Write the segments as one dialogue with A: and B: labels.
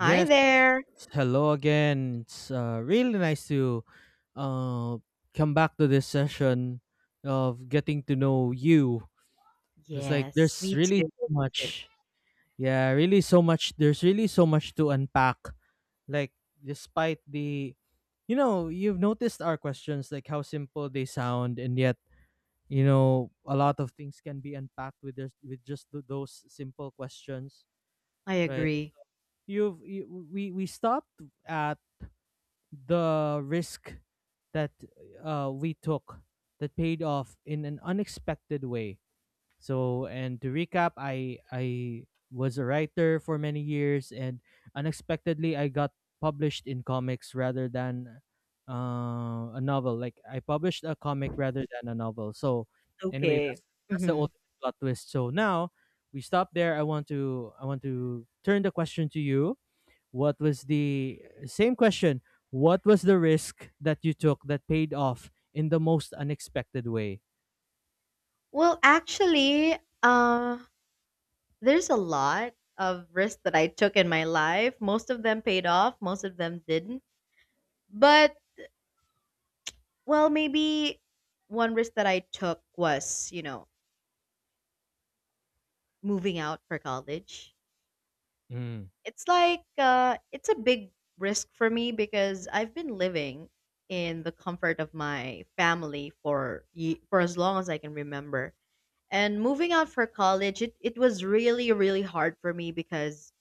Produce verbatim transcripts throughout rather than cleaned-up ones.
A: Hi there.
B: hello again. It's uh, really nice to uh, come back to this session of getting to know you. It's like
A: Yes,
B: there's
A: me
B: really
A: too.
B: so
A: too.
B: much. Yeah, really so much. There's really so much to unpack. Like, despite the, you know, you've noticed our questions, like how simple they sound, and yet, you know, a lot of things can be unpacked with, this, with just th- those simple questions,
A: I
B: right?
A: agree.
B: You've, you, we, we stopped at the risk that uh, we took that paid off in an unexpected way. So, and to recap, I I was a writer for many years, and unexpectedly, I got published in comics rather than uh, a novel. Like I published a comic rather than a novel. So, anyway, that's
A: Okay.
B: that's the
A: hmm
B: ultimate plot twist. So now we stop there. I want to I want to turn the question to you. What was the same question? What was the risk that you took that paid off in the most unexpected way?
A: Well, actually, uh, there's a lot of risks that I took in my life. Most of them paid off, most of them didn't. But, well, maybe one risk that I took was, you know, moving out for college.
B: Mm.
A: It's like, uh, it's a big risk for me because I've been living in the comfort of my family for ye- for as long as I can remember. And moving out for college, it, it was really, really hard for me because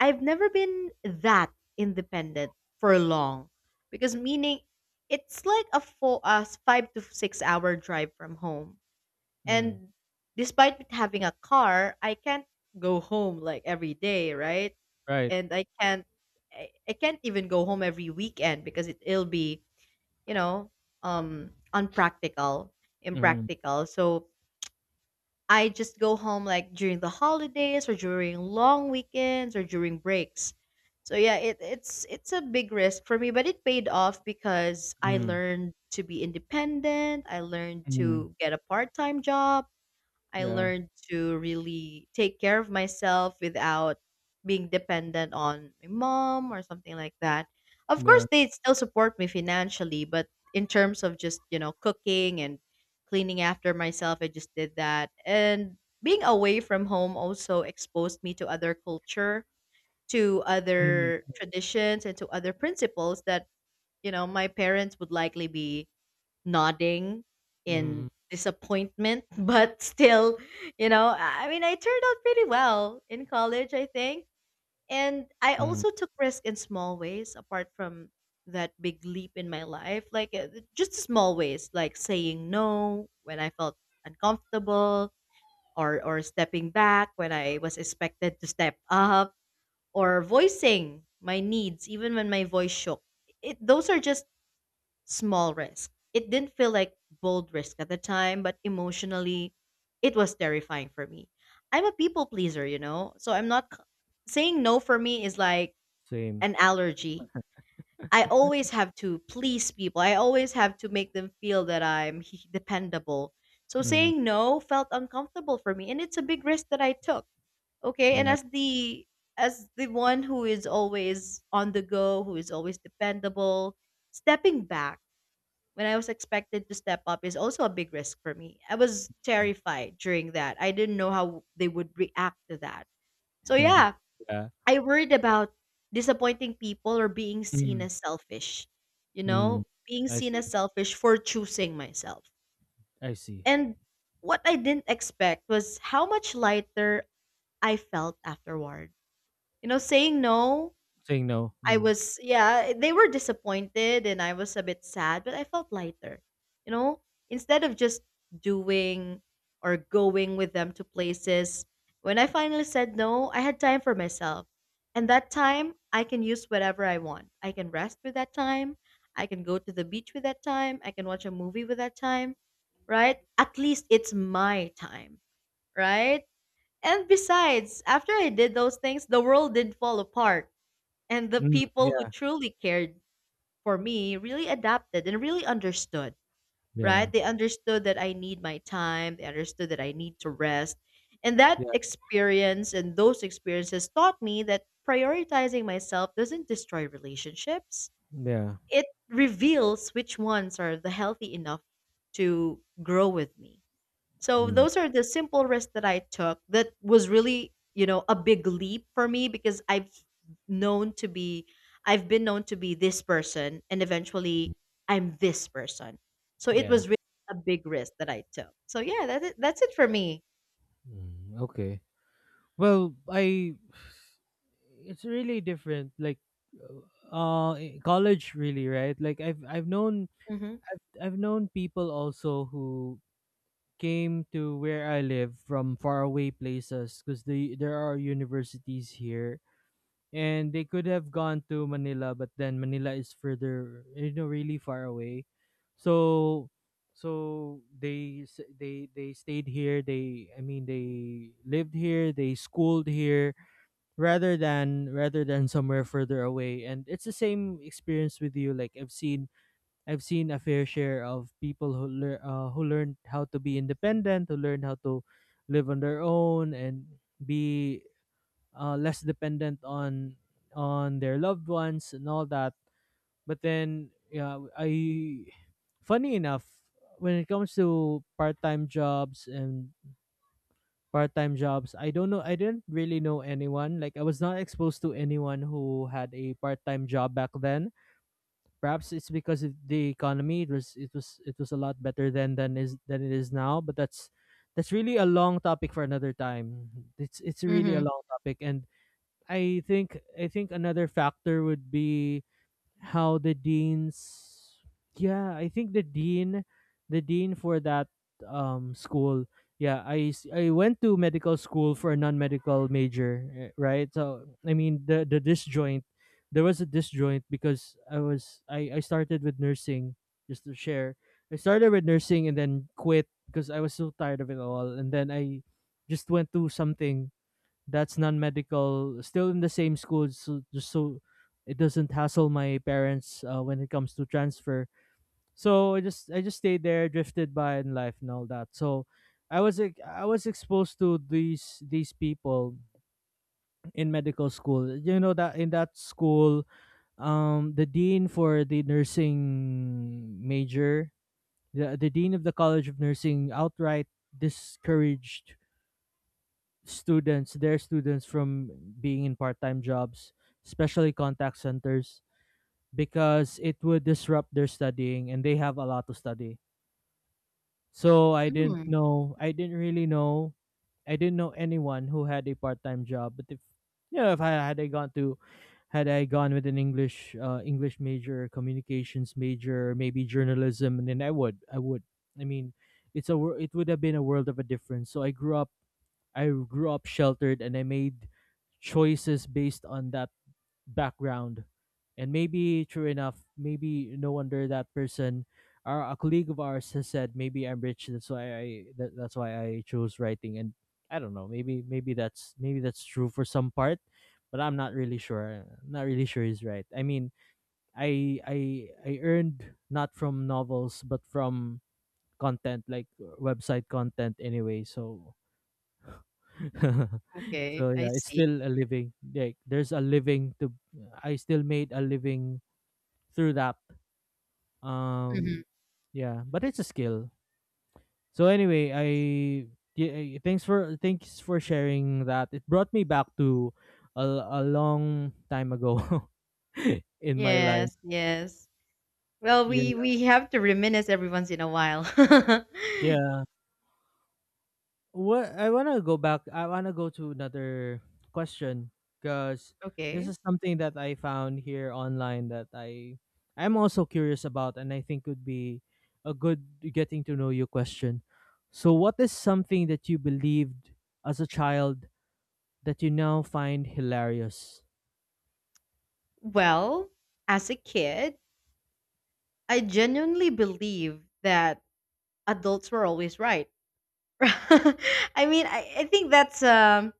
A: I've never been that independent for long. Because meaning it's like a four, uh, five to six hour drive from home.
B: Mm.
A: And despite with having a car, I can't go home like every day, right?
B: Right.
A: And I can't I, I can't even go home every weekend because it, it'll be, you know, um unpractical,
B: Mm.
A: impractical. So I just go home like during the holidays or during long weekends or during breaks. So yeah, it, it's it's a big risk for me, but it paid off because I
B: Mm.
A: learned to be independent. I learned
B: Mm.
A: to get a part-time job. I
B: Yeah.
A: learned to really take care of myself without being dependent on my mom or something like that. Of
B: Yeah.
A: course, they still support me financially, but in terms of just, you know, cooking and cleaning after myself, I just did that. And being away from home also exposed me to other culture, to
B: Mm.
A: other traditions, and to other principles that, you know, my parents would likely be nodding
B: Mm.
A: in disappointment, but still, you know, I I mean, I turned out pretty well in college, I think. And I
B: Mm.
A: also took risk in small ways apart from that big leap in my life, like uh, just small ways, like saying no when I felt uncomfortable or or stepping back when I was expected to step up or voicing my needs even when my voice shook. It, those are just small risk. It didn't feel like bold risk at the time, but emotionally, it was terrifying for me. I'm a people pleaser, you know, so I'm not c- saying no for me is like
B: Same.
A: an allergy. I always have to please people. I always have to make them feel that I'm dependable. So
B: Mm,
A: saying no felt uncomfortable for me, and it's a big risk that I took. Okay, and
B: yeah.
A: as the as the one who is always on the go, who is always dependable, stepping back when I was expected to step up is also a big risk for me. I was terrified during that. I didn't know how they would react to that. So
B: Mm,
A: yeah,
B: yeah.
A: I worried about disappointing people or being seen
B: Mm.
A: as selfish. You
B: Mm.
A: know, being
B: I
A: seen
B: see.
A: as selfish for choosing myself.
B: I see.
A: And what I didn't expect was how much lighter I felt afterward. You know, saying no
B: Saying no.
A: I
B: Mm.
A: was yeah, they were disappointed and I was a bit sad, but I felt lighter. You know, instead of just doing or going with them to places, when I finally said no, I had time for myself. And that time, I can use whatever I want. I can rest with that time. I can go to the beach with that time. I can watch a movie with that time, right? At least it's my time, right? And besides, after I did those things, the world didn't fall apart and the
B: Mm,
A: people who
B: yeah.
A: truly cared for me really adapted and really understood,
B: Yeah.
A: right? They understood that I need my time, they understood that I need to rest. And that
B: Yeah.
A: experience and those experiences taught me that prioritizing myself doesn't destroy relationships.
B: Yeah.
A: It reveals which ones are the healthy enough to grow with me. So
B: Mm,
A: those are the simple risks that I took that was really, you know, a big leap for me because I've known to be I've been known to be this person and eventually I'm this person. So it
B: yeah.
A: was really a big risk that I took. So yeah, that's it that's it for me.
B: Mm, okay. Well, I it's really different, like uh in college really, right? Like I've I've known
A: Mhm.
B: I've I've known people also who came to where I live from faraway places, because the there are universities here, and they could have gone to Manila, but then Manila is further, you know really far away. So so they s- they they stayed here, they I mean they lived here, they schooled here rather than rather than somewhere further away. And it's the same experience with you. Like i've seen i've seen a fair share of people who lear uh, who learned how to be independent, who learned how to live on their own and be uh, less dependent on on their loved ones and all that. But then, yeah, I funny enough, when it comes to part-time jobs and part-time jobs. I don't know. I didn't really know anyone. Like, I was not exposed to anyone who had a part-time job back then. Perhaps it's because of the economy. It was it was it was a lot better then than is than it is now. But that's that's really a long topic for another time. It's it's really a
A: Mhm.
B: long topic, and I think I think another factor would be how the deans. Yeah, I think the dean the dean for that um school. Yeah, i s- i went to medical school for a non-medical major, eh, right? So I mean, the the disjoint there was a disjoint because I was I I started with nursing. Just to share, I started with nursing and then quit because I was so tired of it all, and then I just went to something that's non-medical still in the same school, so just so it doesn't hassle my parents uh, when it comes to transfer. So i just i just stayed there, drifted by in life and all that. So i was ex- i was exposed to these these people in medical school. You know, that in that school, um the dean for the nursing major, the, the dean of the college of nursing outright discouraged students, their students from being in part-time jobs, especially contact centers, because it would disrupt their studying and they have a lot to study. So I didn't
A: Mm.
B: know, I didn't really know, I didn't know anyone who had a part-time job. But if you know, if I had I gone to, had I gone with an English, uh, English major, communications major, maybe journalism, and then I would, I would. I mean, it's a wor- it would have been a world of a difference. So I grew up I grew up sheltered, and I made choices based on that background. And maybe true enough, maybe no wonder that person or a colleague of ours has said maybe I'm rich. That's why I that, that's why I chose writing. And I don't know. Maybe maybe that's maybe that's true for some part, but I'm not really sure. Not really sure he's right. I mean, I I I earned not from novels but from content, like website content anyway. So So
A: Okay, I
B: yeah, it's
A: see.
B: still a living. Like, there's a living to I still made a living through that.
A: Mhm.
B: Um yeah, but it's a skill. So anyway, I yeah, thanks for thanks for sharing that. It brought me back to a, a long time ago, in my life.
A: Yes, yes. Well,
B: Yeah.
A: we we have to reminisce every once in a while.
B: Yeah. What I want to go back. I want to go to another question, because this
A: Okay.
B: is something that I found here online that I I'm also curious about, and I think would be a good getting to know you question. So, what is something that you believed as a child that you now find hilarious?
A: Well, as a kid, I genuinely believed that adults were always right. I mean, I, I think that's um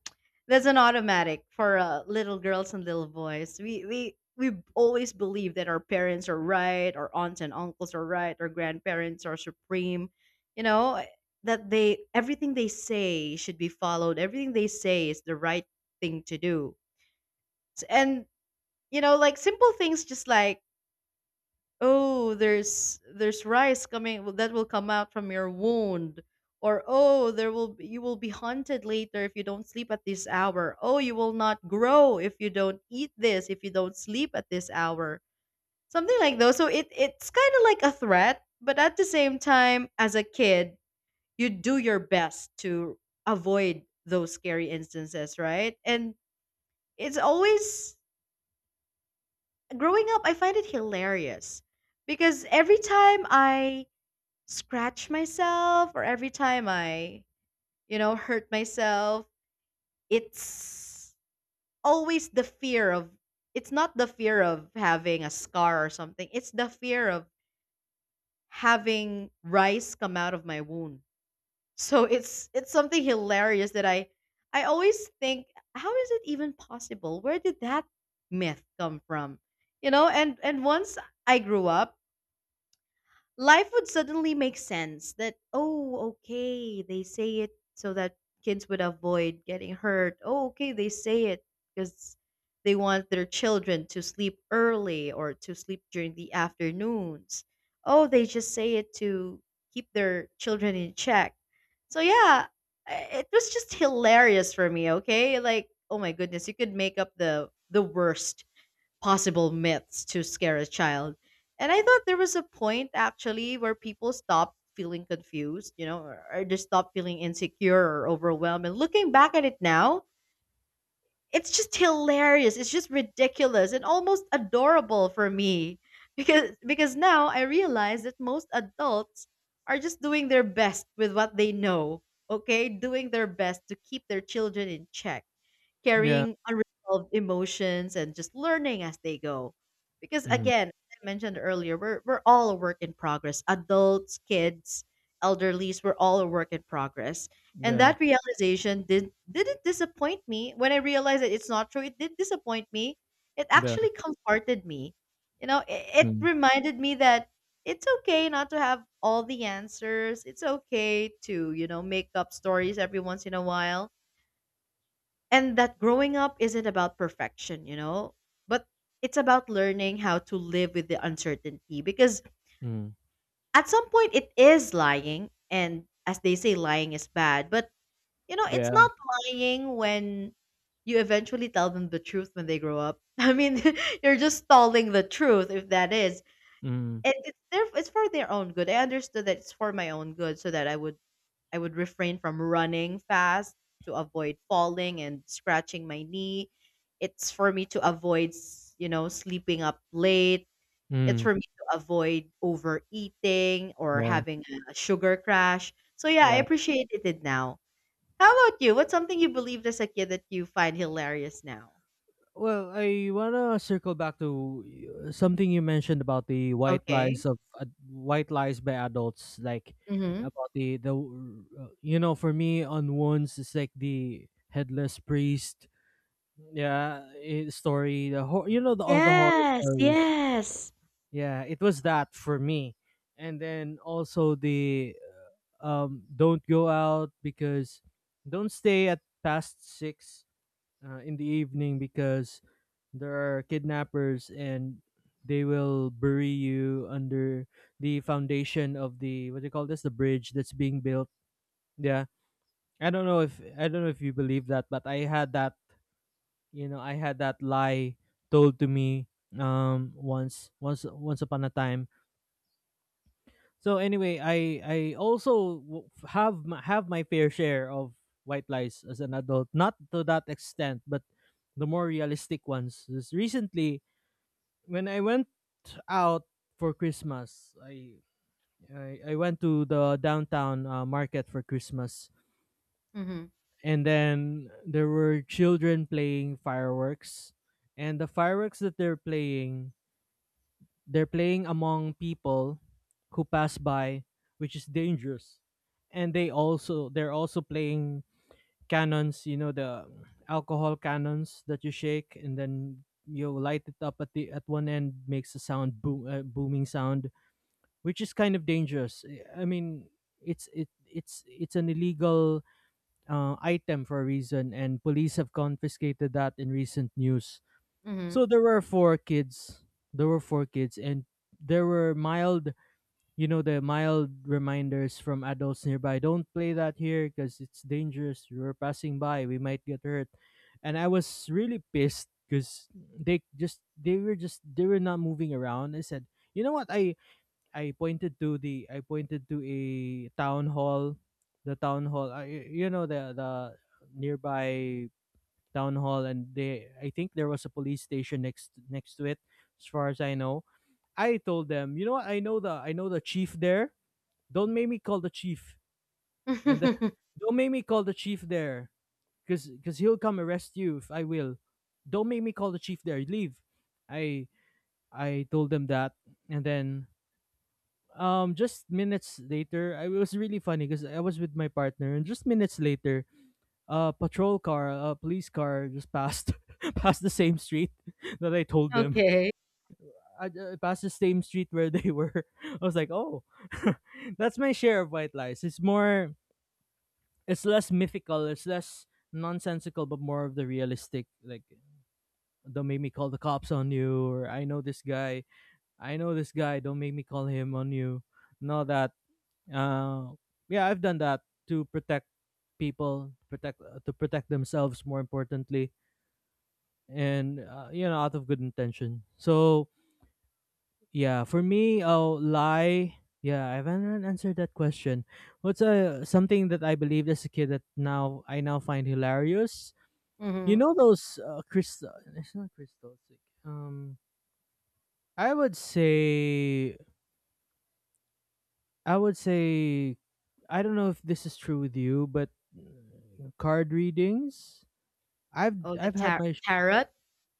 A: that's an automatic for uh, little girls and little boys. We we we always believe that our parents are right, our aunts and uncles are right, our grandparents are supreme. You know eh, that they everything they say should be followed. Everything they say is the right thing to do. S- And you know, like simple things, just like oh there's there's rice coming well, that will come out from your wound, or oh there will be- you will be haunted later if you don't sleep at this hour, oh you will not grow if you don't eat this, if you don't sleep at this hour, something like those. So it it's kind of like a threat, but at the same time, as a kid, you do your best to avoid those scary instances, right? And it's always growing up I find it hilarious because every time I scratch myself or every time I, you know, hurt myself, it's always the fear of it's not the fear of having a scar or something. It's the fear of having rice come out of my wound. So it's it's something hilarious that I I always think, how is it even possible? Where did that myth come from? You know, and and once I grew up, life would suddenly make sense, that oh okay they say it so that kids would avoid getting hurt, oh okay they say it because they want their children to sleep early or to sleep during the afternoons, oh they just say it to keep their children in check. So yeah, i- it was just hilarious for me. Okay, like, oh my goodness, you could make up the the worst possible myths to scare a child. And I thought there was a point actually where people stopped feeling confused, you know, or, or just stopped feeling insecure or overwhelmed. And looking back at it now, it's just hilarious. It's just ridiculous and almost adorable for me. Because because now I realize that most adults are just doing their best with what they know. Okay, doing their best to keep their children in check,
B: Yeah.
A: carrying unresolved emotions and just learning as they go. Because
B: Mm.
A: again, as I mentioned earlier, we're we're all a work in progress. Adults, kids, elderlies, we're all a work in progress. And
B: Yeah.
A: that realization did didn't disappoint me. When I realized that it's not true, it did disappoint me. It
B: Yeah.
A: actually comforted me. You know, it, it
B: Mm.
A: reminded me that it's okay not to have all the answers. It's okay to, you know, make up stories every once in a while, and that growing up isn't about perfection, you know, but it's about learning how to live with the uncertainty because
B: Mm.
A: at some point it is lying. And as they say, lying is bad, but you know, it's
B: Yeah.
A: not lying when you eventually tell them the truth when they grow up. I mean, you're just stalling the truth if that is.
B: Mm.
A: And it's their, it's for their own good. I understood that it's for my own good so that I would I would refrain from running fast to avoid falling and scratching my knee. It's for me to avoid, s- You know, sleeping up late. It's
B: Mm.
A: for me to avoid overeating or
B: Yeah.
A: having a sugar crash. So yeah, I
B: Yeah.
A: appreciated it now. How about you? What's something you believed as a kid that you find hilarious now?
B: Well, I wanna circle back to uh, something you mentioned about the white
A: Okay.
B: lies of uh, white lies by adults, like,
A: Mm-hmm.
B: about the the uh, you know for me, on wounds, it's like the headless priest, yeah eh, story, the hor- you know the all the horror
A: Yes.
B: stories.
A: Yes.
B: Yeah, it was that for me. And then also the um don't go out because don't stay at past six uh, in the evening, because there are kidnappers and they will bury you under the foundation of the what do you call this the bridge that's being built. Yeah. I don't know if i don't know if you believe that, but i had that you know i had that lie told to me, um once once once upon a time. So anyway, i i also w- have my, have my fair share of white lies as an adult, not to that extent, but the more realistic ones. Just recently, when I went out for Christmas, I I, I went to the downtown uh, market for Christmas,
A: Mm-hmm.
B: and then there were children playing fireworks, and the fireworks that they're playing, they're playing among people who pass by, which is dangerous. And they also they're also playing cannons — you know, the alcohol cannons that you shake, and then you light it up at the at one end. Makes a sound, boom uh, booming sound, which is kind of dangerous. I mean, it's it it's it's an illegal uh, item for a reason, and police have confiscated that in recent news.
A: Mm-hmm.
B: So there were four kids. There were four kids, and there were mild, you know, the mild reminders from adults nearby. Don't play that here because it's dangerous. We're passing by. We might get hurt. And I was really pissed because they just they were just they were not moving around. I said, you know what? I I pointed to the — I pointed to a town hall, the town hall. I you know the the nearby town hall. And they I think there was a police station next next to it, as far as I know. I told them, you know what, I know the — I know the chief there. Don't make me call the chief, and the, don't make me call the chief there, cause cause he'll come arrest you if I will. Don't make me call the chief there. Leave. I I told them that, and then, um just minutes later, I, it was really funny because I was with my partner, and just minutes later a patrol car a police car just passed, passed the same street, that I told them
A: Okay.
B: I uh, passed the same street where they were. I was like, oh. That's my share of white lies. It's more it's less mythical, it's less nonsensical, but more of the realistic, like, don't make me call the cops on you, or i know this guy i know this guy don't make me call him on you. No that Uh, yeah, I've done that to protect people, protect uh, to protect themselves, more importantly, and uh, you know, out of good intention. So yeah, for me, oh, lie. Yeah, I haven't answered that question. What's uh, something that I believed as a kid that now I now find hilarious? You
A: Mm-hmm.
B: know those uh, crystal. It's not crystal. Like, um, I would say I would say I don't know if this is true with you, but uh, card readings. I've
A: Oh, the
B: I've had
A: tar-
B: my sh-
A: tarot.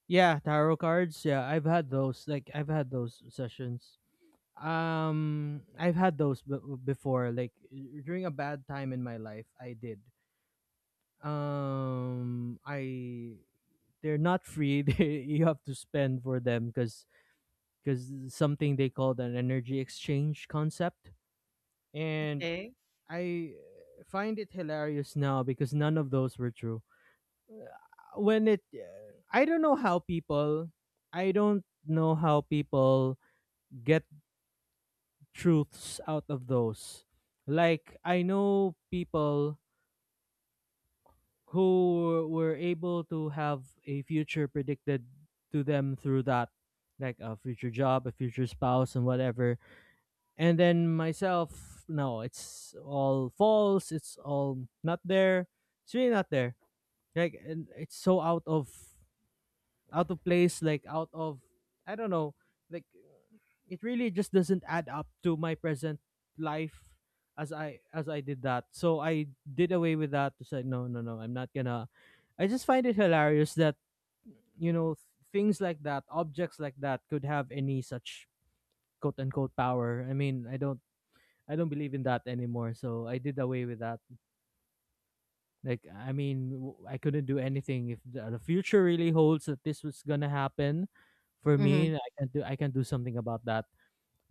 B: yeah, tarot cards. Yeah, I've had those. Like, I've had those sessions. Um, I've had those b- before. Like, uh, during a bad time in my life, I did. Um, I they're not free. They, you have to spend for them, because because something they called an energy exchange concept. And
A: Okay.
B: I find it hilarious now, because none of those were true. When it, I don't know how people, I don't know how people get truths out of those. Like, I know people who were able to have a future predicted to them through that, like a future job, a future spouse, and whatever. And then myself, no, it's all false, it's all not there. It's really not there, like, and it's so out of out of place, like, out of, I don't know, like, it really just doesn't add up to my present life as i as i did that. So I did away with that to say no, no, no, I'm not gonna. I just find it hilarious that you know th- things like that, objects like that, could have any such quote unquote power. I mean, i don't I don't believe in that anymore, so I did away with that. Like, I mean, w- I couldn't do anything if the, the future really holds that this was gonna happen for
A: Mm-hmm.
B: me. I can do I can do something about that.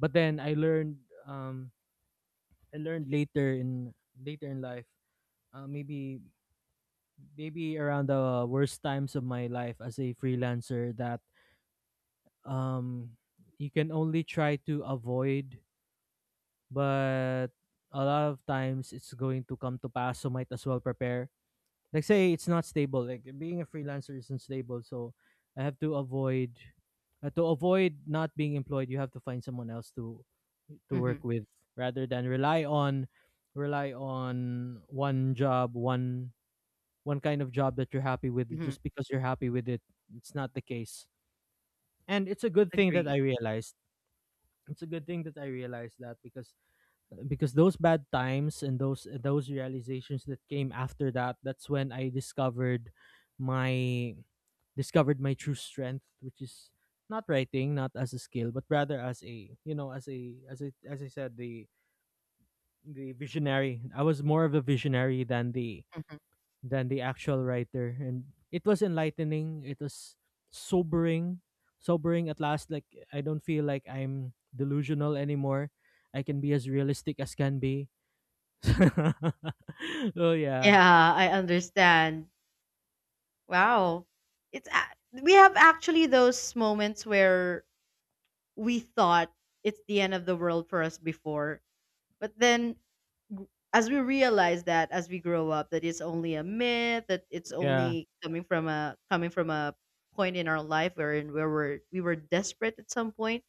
B: But then I learned um I learned later in later in life, uh, maybe maybe around the worst times of my life as a freelancer that um you can only try to avoid, but a lot of times it's going to come to pass. So might as well prepare, like, say it's not stable, like being a freelancer isn't stable, so I have to avoid, uh, to avoid not being employed, you have to find someone else to to work
A: Mhm,
B: with. Rather than rely on rely on one job, one one kind of job that you're happy with
A: mhm,
B: just because you're happy with it. It's not the case, and it's a good thing that i
A: agree.
B: realized it's a good thing that I realized that because because those bad times and those those realizations that came after that, that's when I discovered my discovered my true strength, which is not writing, not as a skill, but rather as a, you know as a as a as I said, the the visionary. I was more of a visionary than the
A: Mhm.
B: than the actual writer, and it was enlightening. It was sobering, sobering at last. Like I don't feel like I'm delusional anymore. I can be as realistic as can be. Oh yeah,
A: Yeah, I understand. Wow. It's a- we have actually those moments where we thought it's the end of the world for us before, but then g- as we realize that as we grow up that it's only a myth, that it's
B: yeah,
A: only coming from a coming from a point in our life wherein where we're, we were desperate at some point.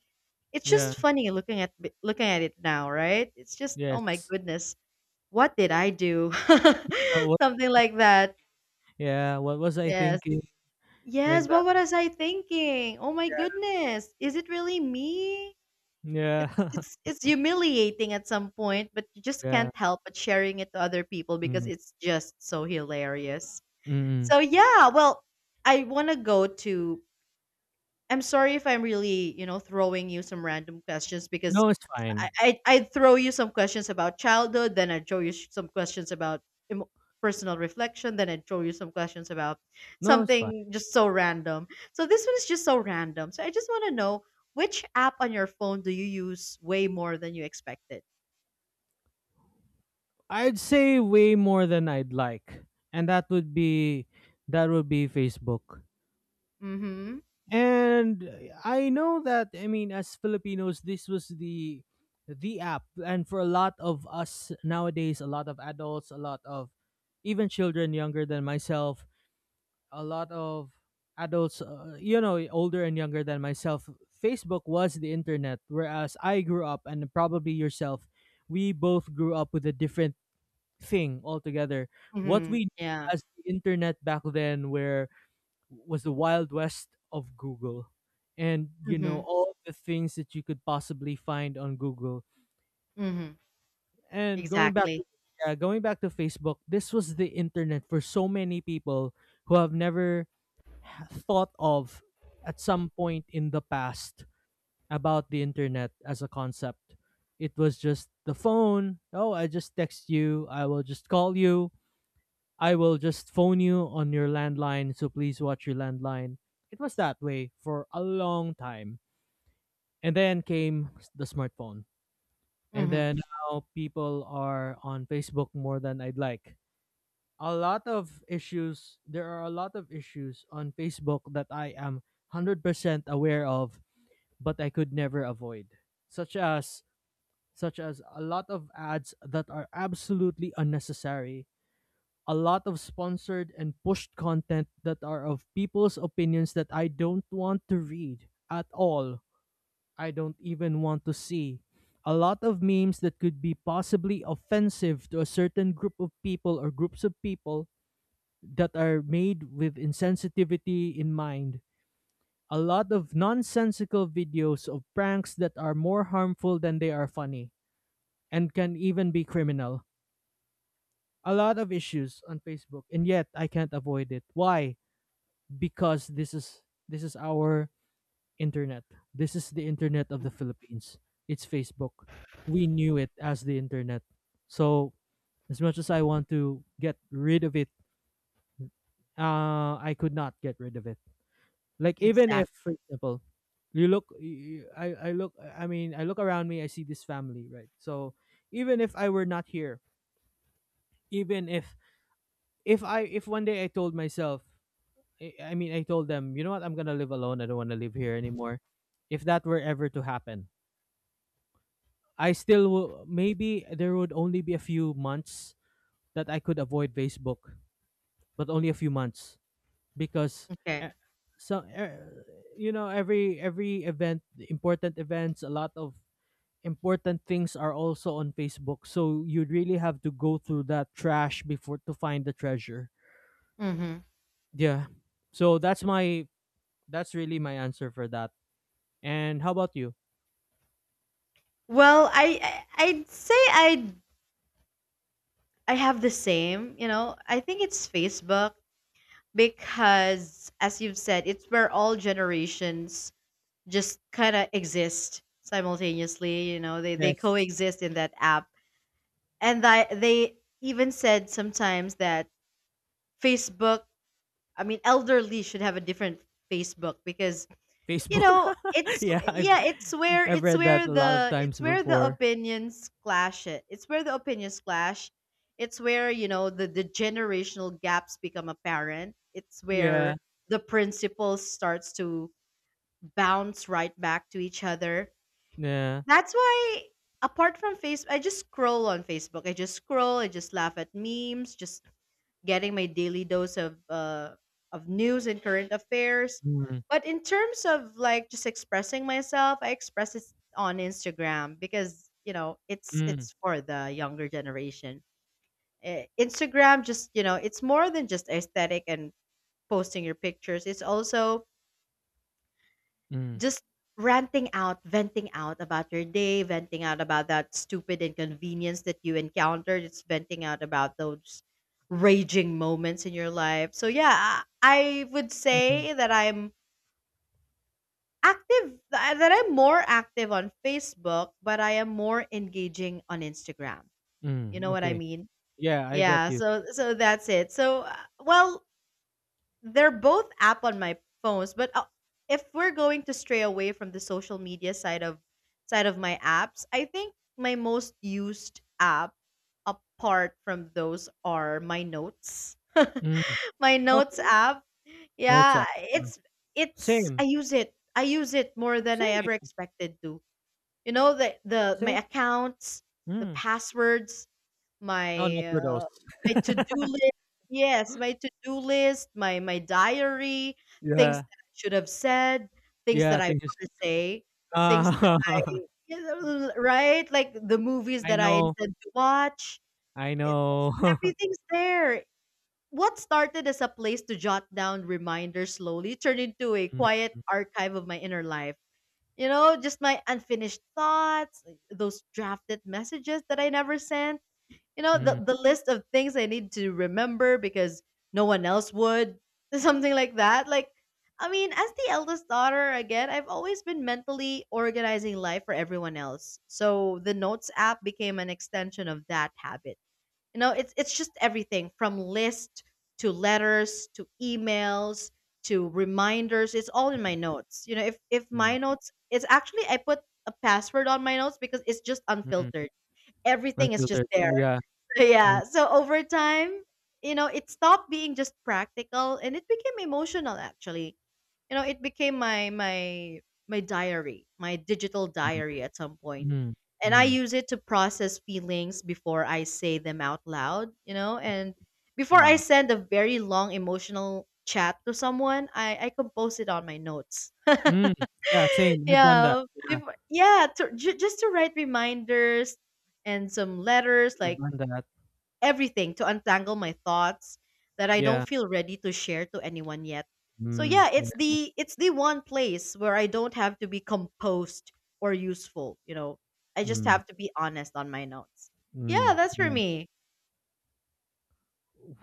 A: It's
B: yeah,
A: just funny looking at looking at it now, right? It's just oh my
B: yes.
A: goodness. What did I do?
B: Uh, what,
A: Something like that.
B: yeah, what was I
A: Yes.
B: thinking? Like
A: Yes,
B: that.
A: what was I thinking? Oh my
B: Yeah.
A: goodness. Is it really me? It's
B: Yeah.
A: it's it's humiliating at some point, but you just
B: Yeah.
A: can't help but sharing it to other people because
B: Mm.
A: it's just so hilarious.
B: Mm.
A: So yeah, well, I want to go to I'm sorry if I'm really, you know, throwing you some random questions because
B: No, it's
A: I
B: fine.
A: I I'd throw you some questions about childhood, then I'd throw you sh- some questions about emo personal reflection, then I'd throw you some questions about
B: No, it's fine.
A: something just so random. So this one is just so random. So I just want to know which app on your phone do you use way more than you expected?
B: I'd say way more than I'd like, and that would be that would be Facebook.
A: Mm-hmm.
B: And eh, I know that, I mean, as Filipinos this was the the app, and for a lot of us nowadays, a lot of adults, a lot of even children younger than myself, a lot of adults, uh, you know, older and younger than myself, Facebook was the internet. Whereas I grew up, and probably yourself, we both grew up with a different thing altogether. What
A: Mm-hmm.
B: we knew
A: Yeah.
B: as the internet back then, where was the wild west of Google, and you know
A: Mm-hmm.
B: all the things that you could possibly find on Google.
A: Mm-hmm.
B: And going back
A: Exactly.
B: to Yeah, going back to Facebook, this was the internet for so many people who have never thought of, at some point in the past, about the internet as a concept. It was just the phone. Oh, I just text you. I will just call you. I will just phone you on your landline. So please watch your landline. It was that way for a long time. And then came the smartphone. And
A: Mm-hmm.
B: then now people are on Facebook more than I'd like. A lot of issues, there are a lot of issues on Facebook that I am one hundred percent aware of, but I could never avoid, such as such as a lot of ads that are absolutely unnecessary, a lot of sponsored and pushed content that are of people's opinions that I don't want to read at all. I don't even want to see. A lot of memes that could be possibly offensive to a certain group of people or groups of people that are made with insensitivity in mind, a lot of nonsensical videos of pranks that are more harmful than they are funny and can even be criminal. A lot of issues on Facebook, and yet I can't avoid it. Why? Because this is this is our internet. This is the internet of the Philippines. It's Facebook. We knew it as the internet. So as much as I want to get rid of it, uh, I could not get rid of it. Like even if,
A: Exactly.
B: for example, you look, y- y- I I look, I mean, I look around me, I see this family, right? So even if I were not here, even if if I if one day I told myself, I, I mean, I told them, you know what, I'm gonna live alone. I don't want to live here anymore. If that were ever to happen, I still will, maybe there would only be a few months that I could avoid Facebook, but only a few months because e-
A: Okay.
B: so e- you know every every event, important events, a lot of important things are also on Facebook. So you really have to go through that trash before to find the treasure.
A: Mm-hmm.
B: Yeah. So that's my that's really my answer for that. And how about you?
A: Well, I I- I'd say I I have the same, you know. I think it's Facebook because as you've said, it's where all generations just kind of exist simultaneously, you know. They they
B: Yes.
A: coexist in that app. And that they even said sometimes that Facebook, I mean elderly should have a different Facebook because you
B: Facebook.
A: know, it's
B: Yeah, I've
A: yeah, it's where
B: I've
A: it's
B: read that
A: where
B: a lot of
A: the
B: times
A: it's where the
B: before.
A: opinions clash it. It's where the opinions clash. It's where, you know, the, the generational gaps become apparent. It's
B: Yeah.
A: where the principles starts to bounce right back to each other.
B: Yeah.
A: That's why apart from Facebook, I just scroll on Facebook. I just scroll, I just laugh at memes, just getting my daily dose of uh, of news and current affairs.
B: Mm,
A: But in terms of like just expressing myself, I express it on Instagram because you know it's
B: mm,
A: it's for the younger generation. Eh, Instagram just you know it's more than just aesthetic and posting your pictures. It's also
B: mm,
A: just ranting out, venting out about your day, venting out about that stupid inconvenience that you encountered, just venting out about those raging moments in your life. So yeah, I I would
B: mm,
A: say that I'm active that I'm more active on Facebook, but I am more engaging on Instagram. You know
B: mm.
A: what I
B: Okay.
A: mean?
B: Yeah, I get
A: Yeah,
B: you.
A: so so that's it. So uh, well, they're both app on my phones, but uh, if we're going to stray away from the social media side of side of my apps, I think my most used app apart from those are my notes.
B: Mm.
A: My notes
B: Okay.
A: app.
B: No
A: Yeah,
B: sound. Yeah.
A: it's it's I
B: Same.
A: use it. I use it more than I ever
B: Same.
A: expected to. You know the the my
B: Same.
A: accounts, the
B: Mm.
A: passwords,
B: Oh, not
A: my,
B: for those.
A: uh, my to-do list, yes, my to-do list, my my diary, things
B: Yeah.
A: that I should have said, things
B: Yeah,
A: that I
B: they just,
A: wanna say, things that
B: ah,
A: I you know, right? Like, the movies
B: I
A: that I
B: know,
A: intend to watch.
B: I
A: It
B: know.
A: Everything's there. What started as a place to jot down reminders slowly turned into a
B: Mm,
A: quiet archive of my inner life. You know, just my unfinished thoughts, those drafted messages that I never sent, you know the,
B: mm,
A: the list of things I need to remember because no one else would. Something like that. Like, I mean, as the eldest daughter again, I've always been mentally organizing life for everyone else, so the notes app became an extension of that habit. You know, it's it's just everything from list to letters to emails to reminders. It's all in my notes. You know, if if
B: mm,
A: my notes, it's actually I put a password on my notes because it's just
B: mm,
A: unfiltered, everything is just
B: unfiltered. Oh,
A: there.
B: yeah.
A: So,
B: Mm,
A: yeah. So over time, you know, it stopped being just practical and it became emotional actually. You know, it became my my my diary, my digital
B: mm,
A: diary at some point.
B: mm,
A: And I
B: mm,
A: use it to process feelings before I say them out loud, you know, and before I
B: nah.
A: send a very long emotional chat to someone, I, I compose it on my notes.
B: Mm, yeah, same. I've done that.
A: Yeah.
B: Yeah,
A: Before- yeah, to, ju- just to write reminders and some letters, like
B: I've done that.
A: everything to untangle my thoughts that I don't
B: Yeah.
A: feel ready to share to anyone yet. So
B: Mm,
A: yeah,
B: yeah.
A: it's the it's the one place where I don't have to be composed or useful, you know. I just
B: Mm,
A: have to be honest on my notes.
B: mm,
A: Yeah, that's for
B: yeah.
A: me.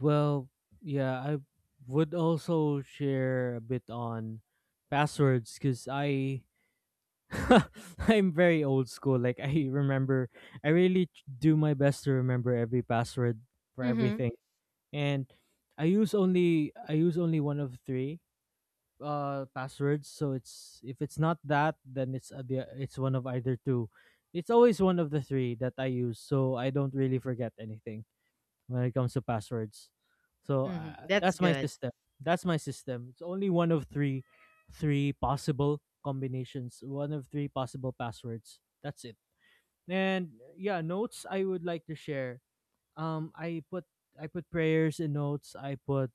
B: Well, yeah, I would also share a bit on passwords because I I'm very old school. Like I remember, I really t- do my best to remember every password for
A: Mhm.
B: everything, and I use only I use only one of three uh passwords. So it's, if it's not that, then it's uh, the it's one of either two. It's always one of the three that I use, so I don't really forget anything when it comes to passwords. So
A: Mhm.
B: uh,
A: That's
B: that's my
A: good.
B: system. That's my system. It's only one of three, three possible combinations. One of three possible passwords. That's it. And yeah, notes, I would like to share. Um, I put I put prayers in notes. I put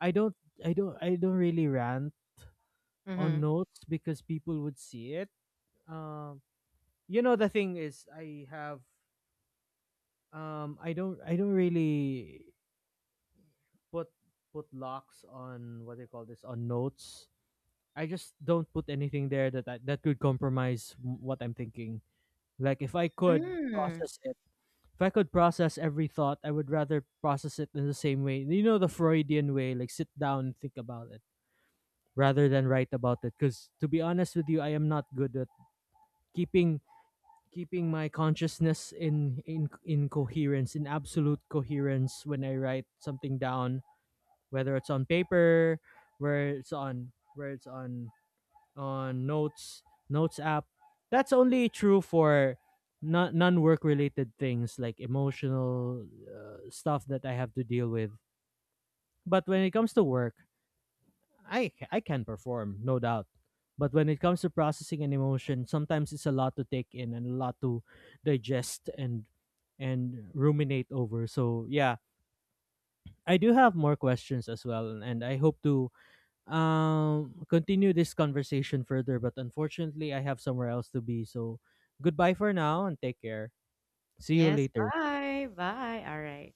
B: I don't I don't I don't really rant on
A: Mhm.
B: notes because people would see it. Um, you know, the thing is I have um I don't I don't really put put locks on, what do you call this, on notes. I just don't put anything there that I, that could compromise m- what I'm thinking. Like if I could
A: Mm.
B: process it, if I could process every thought, I would rather process it in the same way. You know, the Freudian way, like sit down and think about it rather than write about it, because to be honest with you, I am not good at keeping keeping my consciousness in in in coherence in absolute coherence when I write something down, whether it's on paper, where it's on where it's on on notes notes app. That's only true for non non work related things like emotional uh, stuff that I have to deal with. But when it comes to work, I c- I can perform, no doubt. But when it comes to processing an emotion, sometimes it's a lot to take in and a lot to digest and and ruminate over. So yeah, I do have more questions as well, and I hope to um continue this conversation further, but unfortunately I have somewhere else to be. So goodbye for now and take care. See you
A: Yes,
B: later.
A: bye. Bye. All right.